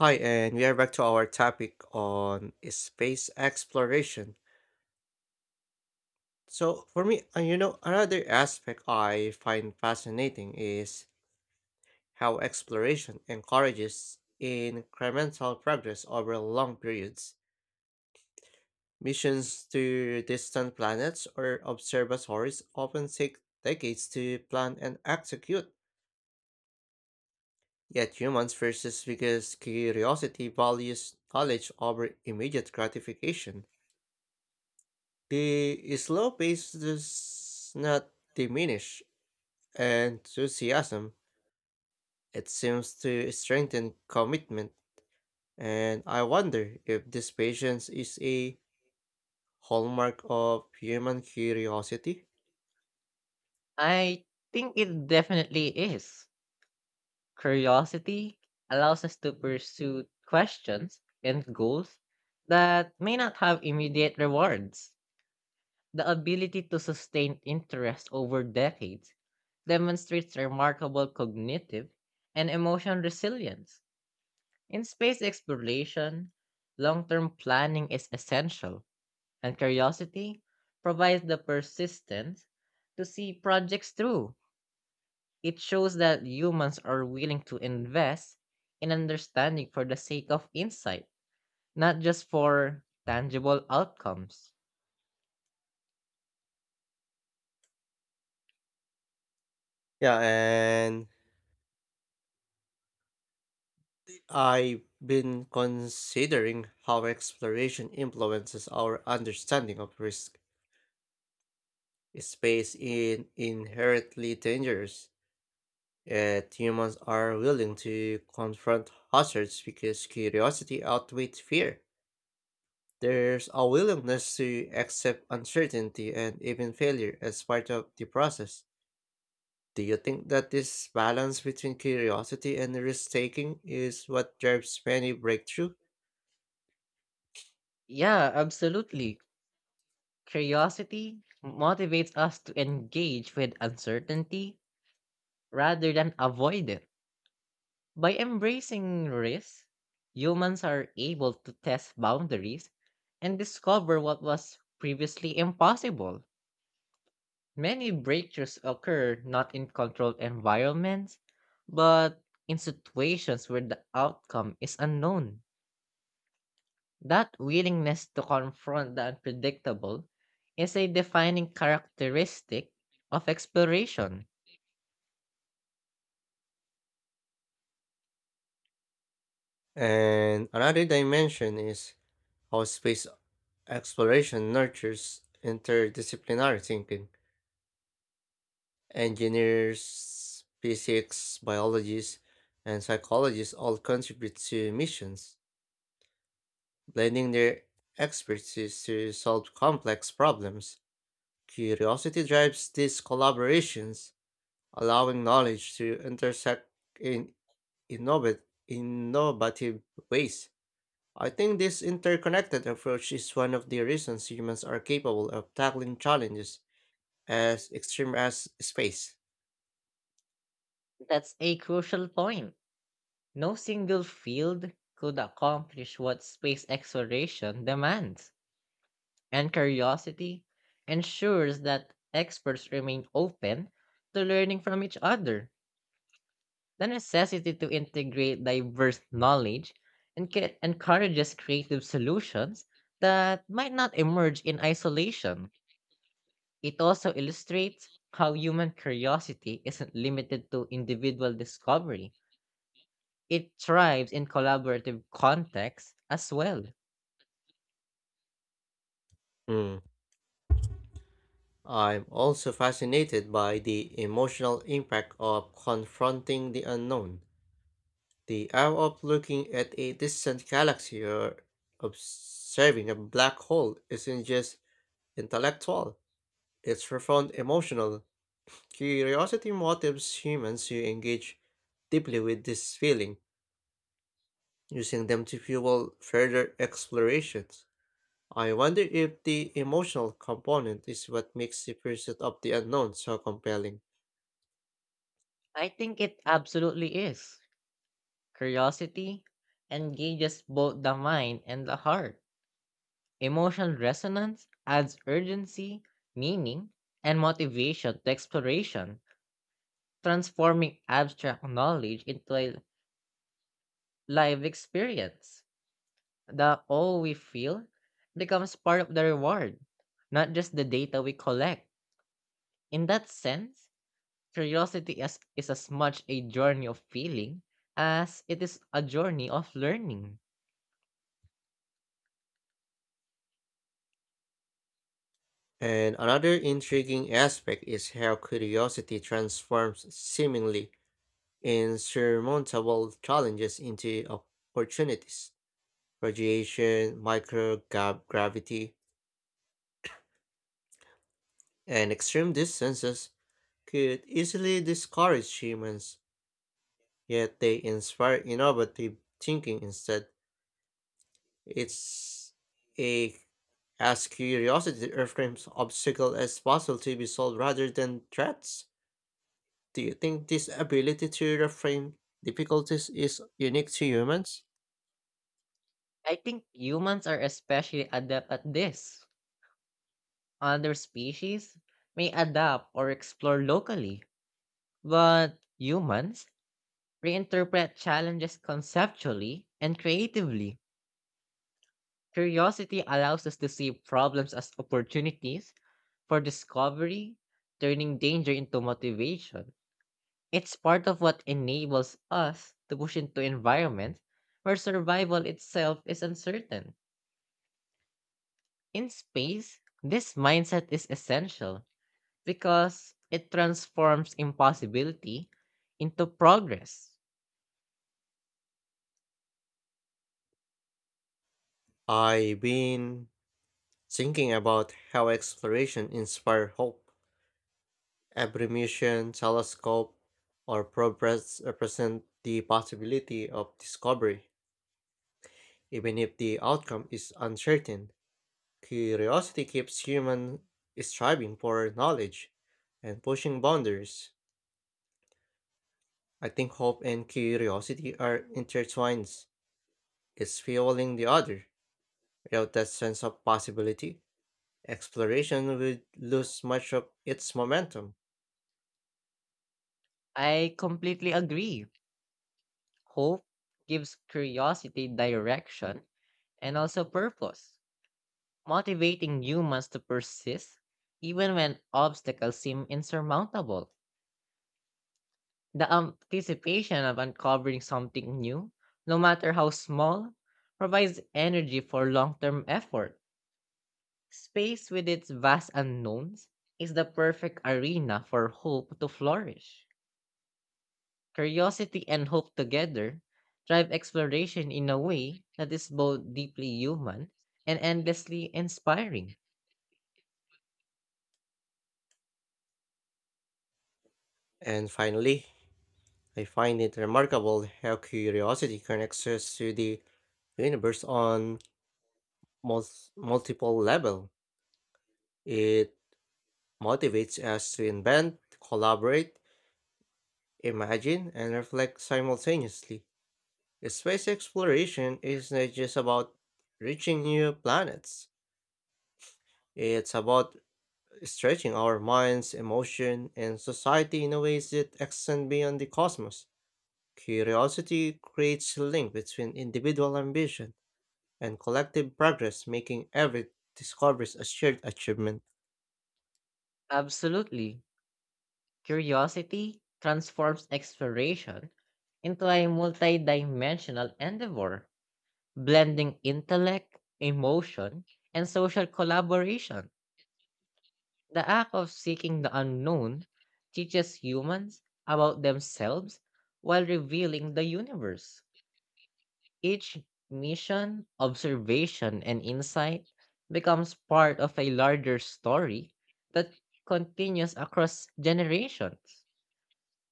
Hi, and we are back to our topic on space exploration. So, for me, another aspect I find fascinating is how exploration encourages incremental progress over long periods. Missions to distant planets or observatories often take decades to plan and execute, yet humans persist because curiosity values knowledge over immediate gratification. The slow pace does not diminish enthusiasm. It seems to strengthen commitment, and I wonder if this patience is a hallmark of human curiosity. I think it definitely is. Curiosity allows us to pursue questions and goals that may not have immediate rewards. The ability to sustain interest over decades demonstrates remarkable cognitive and emotional resilience. In space exploration, long term planning is essential, and curiosity provides the persistence to see projects through. It shows that humans are willing to invest in understanding for the sake of insight, not just for tangible outcomes. Yeah, and I've been considering how exploration influences our understanding of risk. Space is inherently dangerous, yet humans are willing to confront hazards because curiosity outweighs fear. There's a willingness to accept uncertainty and even failure as part of the process. Do you think that this balance between curiosity and risk taking is what drives many breakthrough? Yeah, absolutely. Curiosity motivates us to engage with uncertainty rather than avoid it. By embracing risk, humans are able to test boundaries and discover what was previously impossible. Many breakthroughs occur not in controlled environments, but in situations where the outcome is unknown. That willingness to confront the unpredictable is a defining characteristic of exploration. And another dimension is how space exploration nurtures interdisciplinary thinking. Engineers, physics, biologists, and psychologists all contribute to missions, blending their expertise to solve complex problems. Curiosity drives these collaborations, allowing knowledge to intersect in innovat- innovative ways. I think this interconnected approach is one of the reasons humans are capable of tackling challenges as extreme as space. That's a crucial point. No single field could accomplish what space exploration demands, and curiosity ensures that experts remain open to learning from each other. The necessity to integrate diverse knowledge encourages creative solutions that might not emerge in isolation. It also illustrates how human curiosity isn't limited to individual discovery. It thrives in collaborative contexts as well. Mm. I'm also fascinated by the emotional impact of confronting the unknown. The hour of looking at a distant galaxy or observing a black hole isn't just intellectual, it's profound emotional. Curiosity motivates humans to engage deeply with this feeling, using them to fuel further explorations. I wonder if the emotional component is what makes the pursuit of the unknown so compelling. I think it absolutely is. Curiosity engages both the mind and the heart. Emotional resonance adds urgency, meaning, and motivation to exploration, transforming abstract knowledge into a live experience. The all we feel becomes part of the reward, not just the data we collect. In that sense, curiosity is as much a journey of feeling as it is a journey of learning. And another intriguing aspect is how curiosity transforms seemingly insurmountable challenges into opportunities. Radiation, microgravity, and extreme distances could easily discourage humans, yet they inspire innovative thinking instead. It's a as curiosity reframes obstacle as possible to be solved rather than threats. Do you think this ability to reframe difficulties is unique to humans? I think humans are especially adept at this. Other species may adapt or explore locally, but humans reinterpret challenges conceptually and creatively. Curiosity allows us to see problems as opportunities for discovery, turning danger into motivation. It's part of what enables us to push into environments where survival itself is uncertain. In space, this mindset is essential because it transforms impossibility into progress. I've been thinking about how exploration inspires hope. Every mission, telescope, or progress represent the possibility of discovery, even if the outcome is uncertain. Curiosity keeps human striving for knowledge and pushing boundaries. I think hope and curiosity are intertwined. It's fueling the other. Without that sense of possibility, exploration would lose much of its momentum. I completely agree. Hope gives curiosity direction and also purpose, motivating humans to persist even when obstacles seem insurmountable. The anticipation of uncovering something new, no matter how small, provides energy for long term effort. Space, with its vast unknowns, is the perfect arena for hope to flourish. Curiosity and hope together drive exploration in a way that is both deeply human and endlessly inspiring. And finally, I find it remarkable how curiosity connects us to the universe on mul- multiple level. It motivates us to invent, collaborate, imagine and reflect simultaneously. Space exploration is not just about reaching new planets. It's about stretching our minds, emotion, and society in a ways that extend beyond the cosmos. Curiosity creates a link between individual ambition and collective progress, making every discovery a shared achievement. Absolutely. Curiosity transforms exploration into a multidimensional endeavor, blending intellect, emotion, and social collaboration. The act of seeking the unknown teaches humans about themselves while revealing the universe. Each mission, observation, and insight becomes part of a larger story that continues across generations.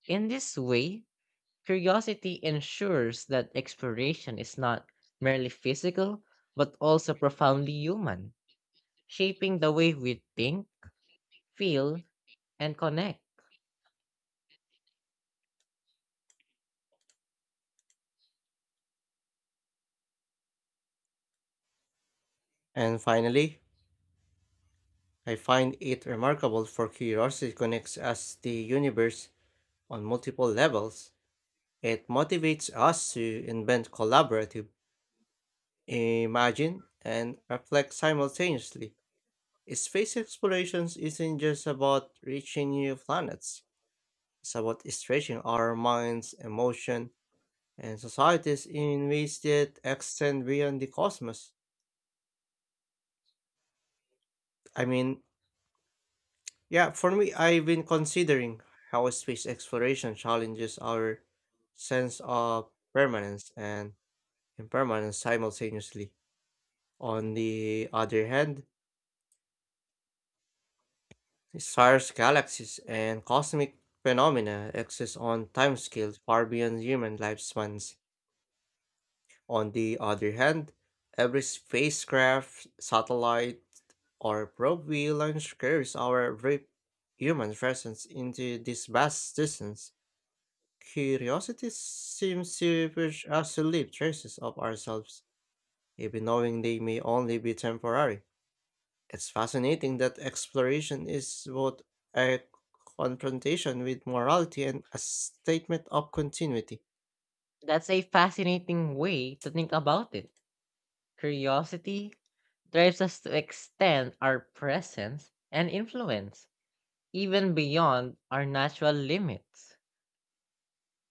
In this way, curiosity ensures that exploration is not merely physical but also profoundly human, shaping the way we think, feel, and connect. And finally, I find it remarkable for curiosity connects us to the universe on multiple levels. It motivates us to invent collaborative, imagine, and reflect simultaneously. Space explorations isn't just about reaching new planets, it's about stretching our minds, emotion, and societies in ways that extend beyond the cosmos. I mean, yeah, for me, I've been considering how space exploration challenges our sense of permanence and impermanence simultaneously. On the other hand, stars, galaxies, and cosmic phenomena exist on timescales far beyond human lifespans. On the other hand, every spacecraft, satellite, or probe we launch carries our very human presence into this vast distance. Curiosity seems to push us to leave traces of ourselves, even knowing they may only be temporary. It's fascinating that exploration is both a confrontation with morality and a statement of continuity. That's a fascinating way to think about it. Curiosity drives us to extend our presence and influence, even beyond our natural limits.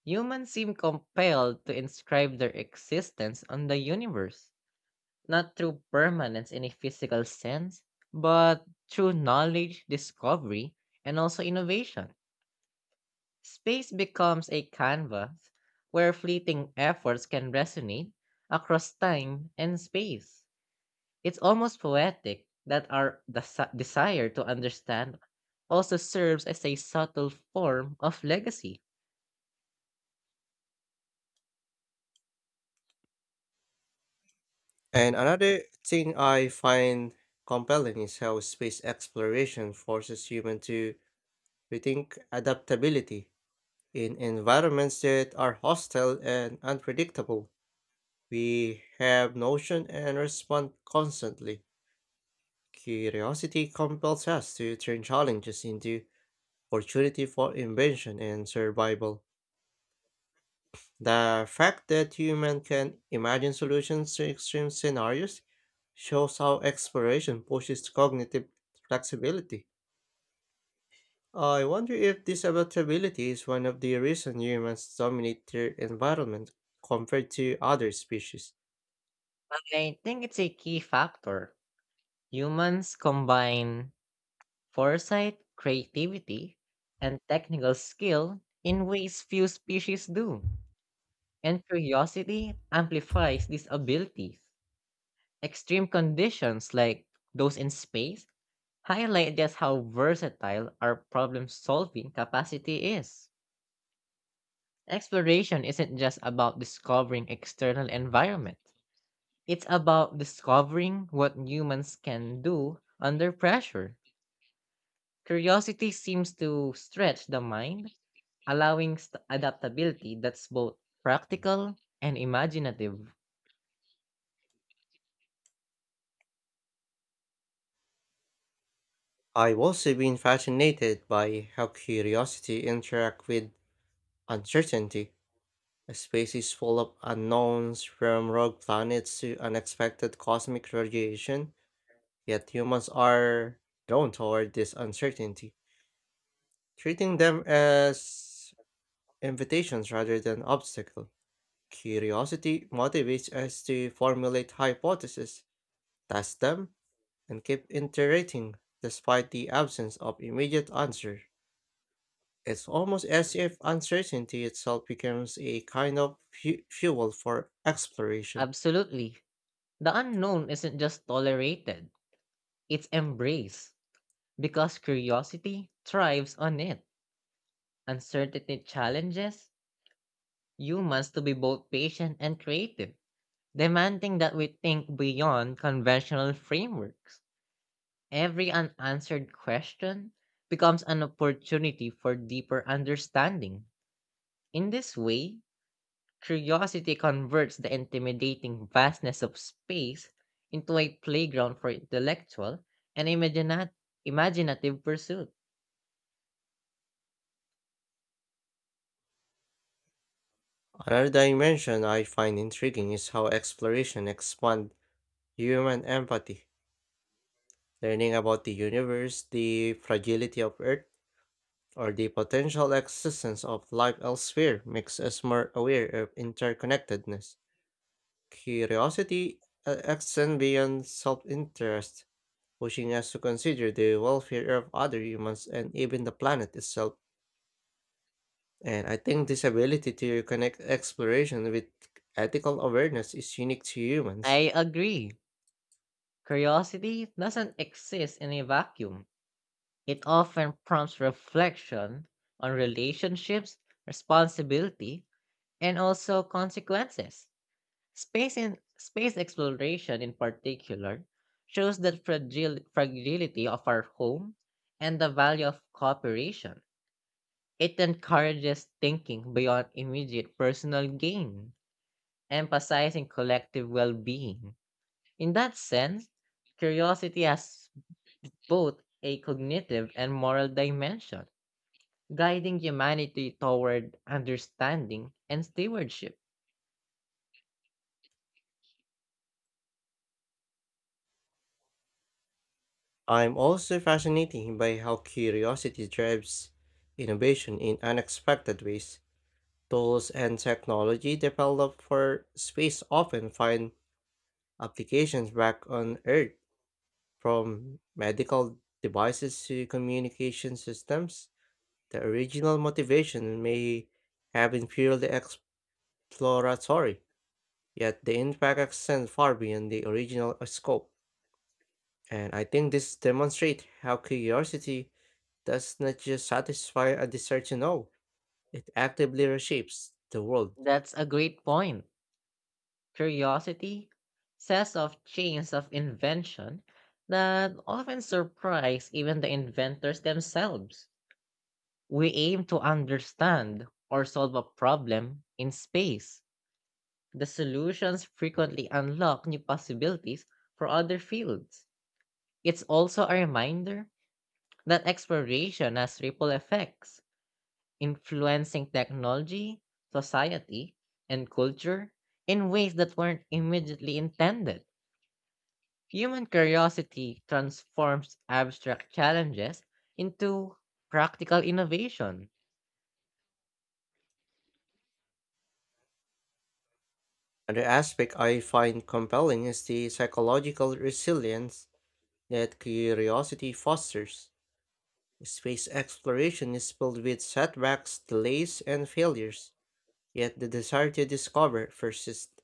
Humans seem compelled to inscribe their existence on the universe, not through permanence in a physical sense, but through knowledge, discovery, and also innovation. Space becomes a canvas where fleeting efforts can resonate across time and space. It's almost poetic that our desire to understand also serves as a subtle form of legacy. And another thing I find compelling is how space exploration forces humans to rethink adaptability. In environments that are hostile and unpredictable, we have notion and respond constantly. Curiosity compels us to turn challenges into opportunity for invention and survival. The fact that humans can imagine solutions to extreme scenarios shows how exploration pushes cognitive flexibility. I wonder if this adaptability is one of the reasons humans dominate their environment compared to other species. I think it's a key factor. Humans combine foresight, creativity, and technical skill in ways few species do, and curiosity amplifies these abilities. Extreme conditions like those in space highlight just how versatile our problem solving capacity is. Exploration isn't just about discovering external environment. It's about discovering what humans can do under pressure. Curiosity seems to stretch the mind, allowing adaptability that's both practical and imaginative. I've also been fascinated by how curiosity interacts with uncertainty. A space is full of unknowns, from rogue planets to unexpected cosmic radiation. Yet humans are drawn toward this uncertainty, treating them as invitations rather than obstacles. Curiosity motivates us to formulate hypotheses, test them, and keep iterating despite the absence of immediate answer. It's almost as if uncertainty itself becomes a kind of fuel for exploration. Absolutely. The unknown isn't just tolerated, it's embraced, because curiosity thrives on it. Uncertainty challenges humans to be both patient and creative, demanding that we think beyond conventional frameworks. Every unanswered question becomes an opportunity for deeper understanding. In this way, curiosity converts the intimidating vastness of space into a playground for intellectual and imaginative pursuit. Another dimension I find intriguing is how exploration expands human empathy, learning about the universe, the fragility of Earth, or the potential existence of life elsewhere makes us more aware of interconnectedness. Curiosity extends beyond self-interest, pushing us to consider the welfare of other humans and even the planet itself. And I think this ability to connect exploration with ethical awareness is unique to humans. I agree. Curiosity doesn't exist in a vacuum. It often prompts reflection on relationships, responsibility, and also consequences. Space in space exploration in particular shows the fragility of our home and the value of cooperation. It encourages thinking beyond immediate personal gain, emphasizing collective well-being. In that sense, curiosity has both a cognitive and moral dimension, guiding humanity toward understanding and stewardship. I'm also fascinated by how curiosity drives innovation in unexpected ways. Tools and technology developed for space often find applications back on Earth, from medical devices to communication systems. The original motivation may have been purely exploratory, yet the impact extends far beyond the original scope. And I think this demonstrates how curiosity does not just satisfy a desire to know, it actively reshapes the world. That's a great point. Curiosity says of chains of invention that often surprise even the inventors themselves. We aim to understand or solve a problem in space. The solutions frequently unlock new possibilities for other fields. It's also a reminder that exploration has ripple effects, influencing technology, society, and culture in ways that weren't immediately intended. Human curiosity transforms abstract challenges into practical innovation. Another aspect I find compelling is the psychological resilience that curiosity fosters. Space exploration is filled with setbacks, delays, and failures, yet the desire to discover persists.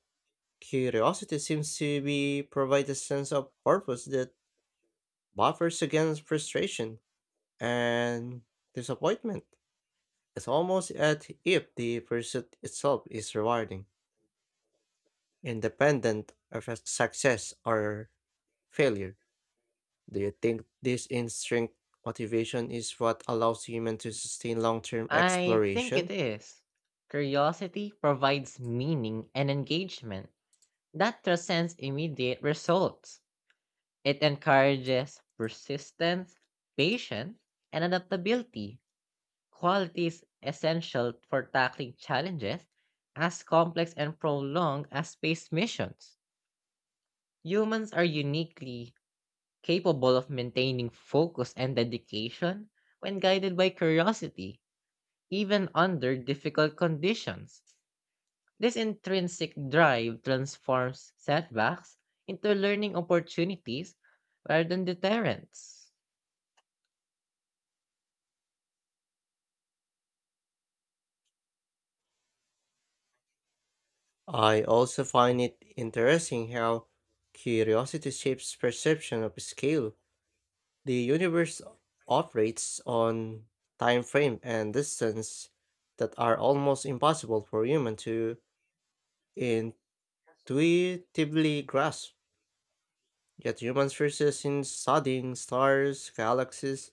Curiosity seems to be provide a sense of purpose that buffers against frustration. And disappointment is almost at if the pursuit itself is rewarding, independent of a success or failure. Do you think this instinct motivation is what allows humans to sustain long term I think it exploration? is. Curiosity provides meaning and engagement that transcends immediate results. It encourages persistence, patience, and adaptability. Qualities essential for tackling challenges as complex and prolonged as space missions. Humans are uniquely capable of maintaining focus and dedication when guided by curiosity, even under difficult conditions. This intrinsic drive transforms setbacks into learning opportunities rather than deterrents. I also find it interesting how curiosity shapes perception of scale. The universe operates on time frame and distance that are almost impossible for human to intuitively grasp, yet humans persist in studying stars, galaxies,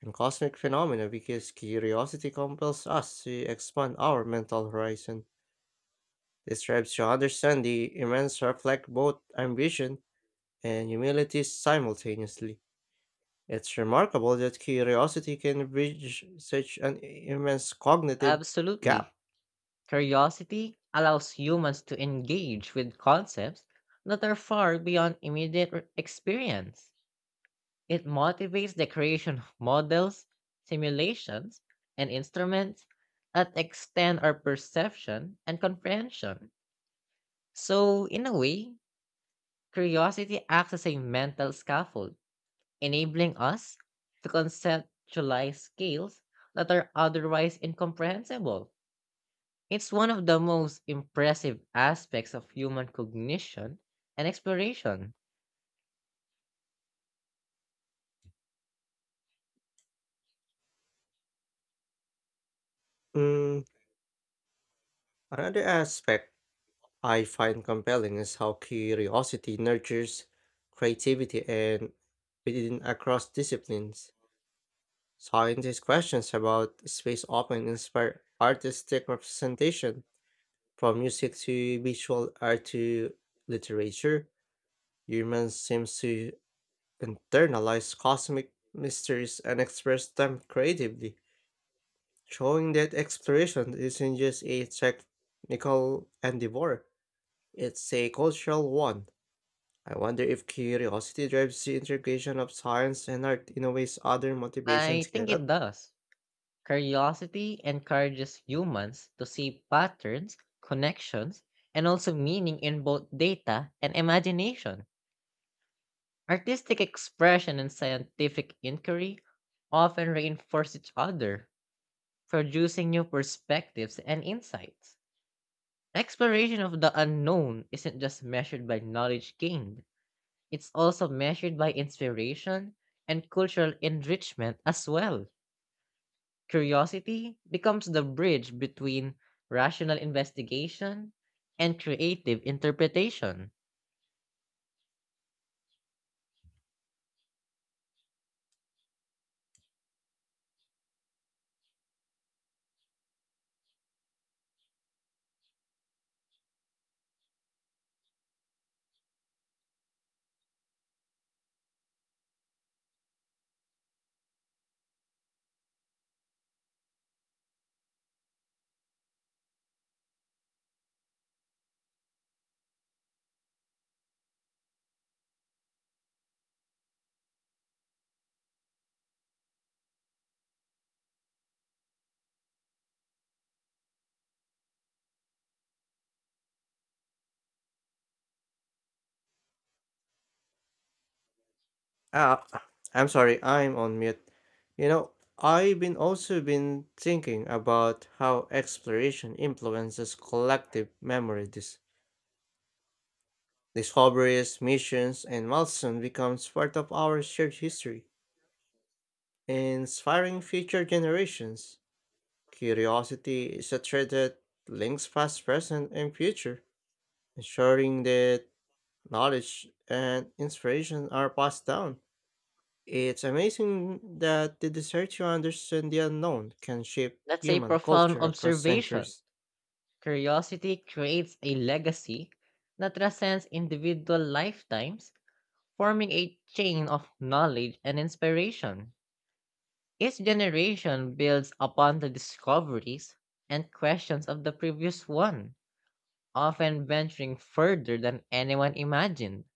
and cosmic phenomena because curiosity compels us to expand our mental horizon. This strives to understand the immense reflect both ambition and humility simultaneously. It's remarkable that curiosity can bridge such an immense cognitive Absolutely. gap. Curiosity allows humans to engage with concepts that are far beyond immediate experience. It motivates the creation of models, simulations, and instruments that extend our perception and comprehension. So, in a way, curiosity acts as a mental scaffold, enabling us to conceptualize scales that are otherwise incomprehensible. It's one of the most impressive aspects of human cognition and exploration. Mm, another aspect I find compelling is how curiosity nurtures creativity and within across disciplines. Scientists' questions about space often inspire artistic representation, from music to visual art to literature. Humans seem to internalize cosmic mysteries and express them creatively, showing that exploration isn't just a technical endeavor, it's a cultural one. I wonder if curiosity drives the integration of science and art in a ways other motivations I think it cannot. does. Curiosity encourages humans to see patterns, connections, and also meaning in both data and imagination. Artistic expression and scientific inquiry often reinforce each other, producing new perspectives and insights. Exploration of the unknown isn't just measured by knowledge gained. It's also measured by inspiration and cultural enrichment as well. Curiosity becomes the bridge between rational investigation and creative interpretation. Ah, I'm sorry, I'm on mute. You know, I've been also been thinking about how exploration influences collective memory. Discoveries, missions, and milestones becomes part of our shared history, inspiring future generations. Curiosity is a thread that links past, present, and future, ensuring that knowledge and inspiration are passed down. It's amazing that the desire to understand the unknown can shape That's a human profound culture across observation. centuries. Curiosity creates a legacy that transcends individual lifetimes, forming a chain of knowledge and inspiration. Each generation builds upon the discoveries and questions of the previous one, often venturing further than anyone imagined.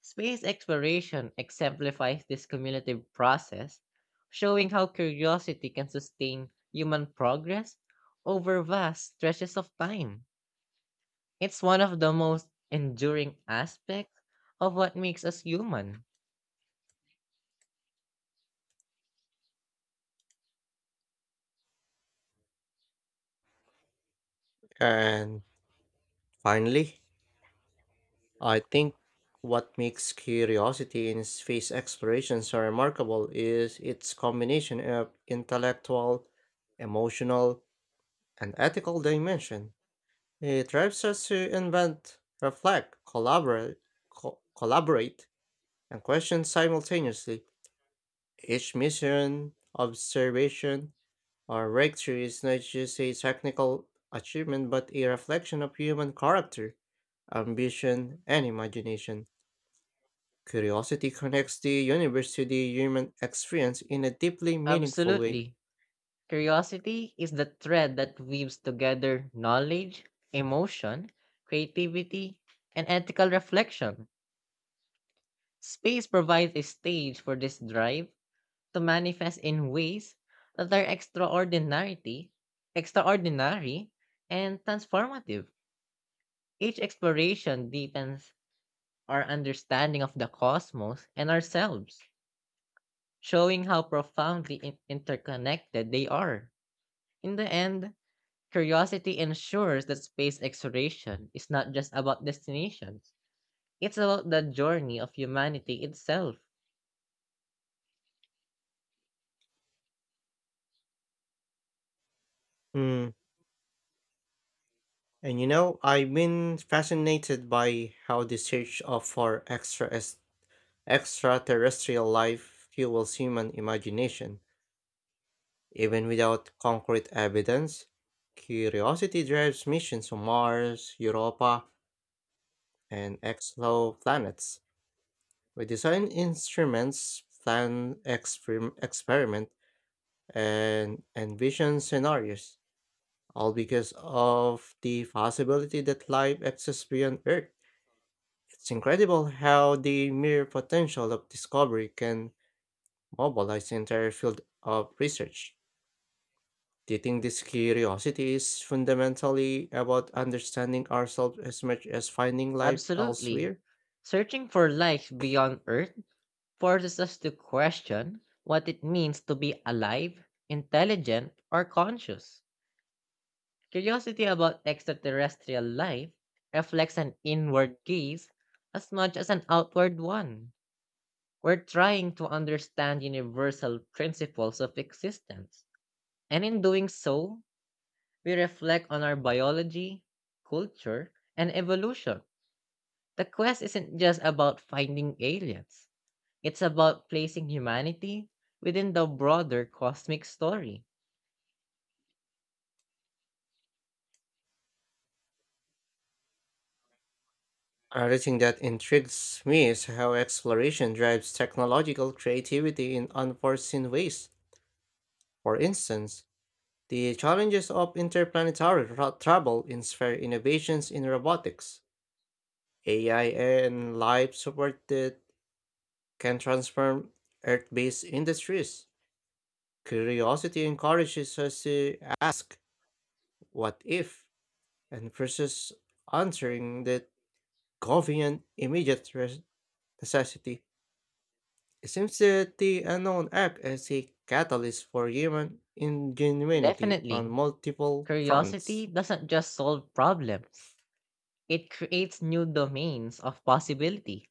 Space exploration exemplifies this cumulative process, showing how curiosity can sustain human progress over vast stretches of time. It's one of the most enduring aspects of what makes us human. And finally, I think what makes curiosity in space exploration so remarkable is its combination of intellectual, emotional, and ethical dimension. It drives us to invent, reflect, collaborate, and question simultaneously. Each mission, observation, our breakthrough is not just a technical achievement, but a reflection of human character, ambition, and imagination. Curiosity connects the universe to the human experience in a deeply meaningful way. Absolutely. Curiosity is the thread that weaves together knowledge, emotion, creativity, and ethical reflection. Space provides a stage for this drive to manifest in ways that are extraordinary, extraordinary, and transformative. Each exploration deepens our understanding of the cosmos and ourselves, showing how profoundly interconnected they are. In the end, curiosity ensures that space exploration is not just about destinations, it's about the journey of humanity itself. Mm. And you know, I've been fascinated by how the search of for extraterrestrial life fuels human imagination. Even without concrete evidence, curiosity drives missions to Mars, Europa, and exoplanets. We design instruments, plan experiment, and envision scenarios, all because of the possibility that life exists beyond Earth. It's incredible how the mere potential of discovery can mobilize the entire field of research. Do you think this curiosity is fundamentally about understanding ourselves as much as finding life Absolutely. elsewhere? Searching for life beyond Earth forces us to question what it means to be alive, intelligent, or conscious. Curiosity about extraterrestrial life reflects an inward gaze as much as an outward one. We're trying to understand universal principles of existence, and in doing so, we reflect on our biology, culture, and evolution. The quest isn't just about finding aliens. It's about placing humanity within the broader cosmic story. Another thing that intrigues me is how exploration drives technological creativity in unforeseen ways. For instance, the challenges of interplanetary travel inspire innovations in robotics, AI, and life support that can transform Earth based industries. Curiosity encourages us to ask, what if? And versus answering the government immediate necessity. It seems that the unknown act as a catalyst for human ingenuity on Definitely, multiple fronts. curiosity doesn't just solve problems, it creates new domains of possibility.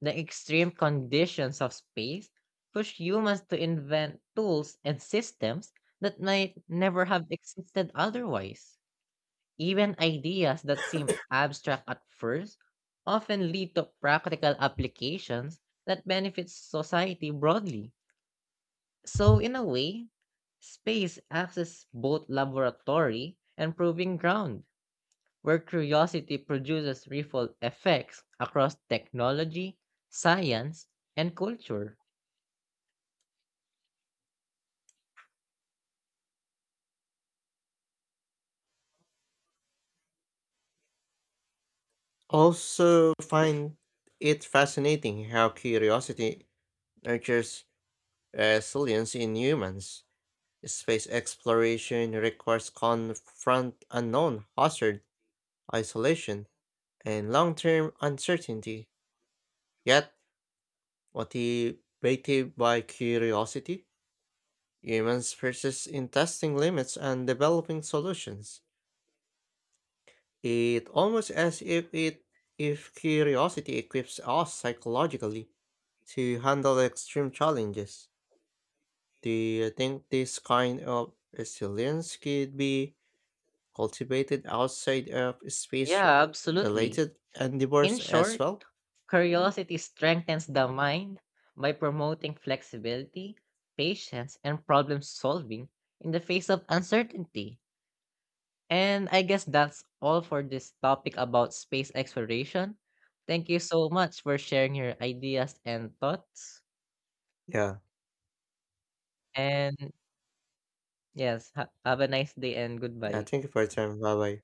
The extreme conditions of space push humans to invent tools and systems that might never have existed otherwise. Even ideas that seem abstract at first often lead to practical applications that benefit society broadly. So, in a way, space acts as both laboratory and proving ground, where curiosity produces ripple effects across technology, science, and culture. Also, find it fascinating how curiosity nurtures resilience in humans. Space exploration requires confront unknown hazard, isolation, and long-term uncertainty. Yet, motivated by curiosity, humans persist in testing limits and developing solutions. It almost as if it if curiosity equips us psychologically to handle extreme challenges. Do you think this kind of resilience could be cultivated outside of space Yeah, absolutely. related In endeavors as short, well? curiosity strengthens the mind by promoting flexibility, patience, and problem solving in the face of uncertainty. And I guess that's all for this topic about space exploration. Thank you so much for sharing your ideas and thoughts. Yeah. And yes, have a nice day and Yeah, goodbye. thank you for your time. Bye bye.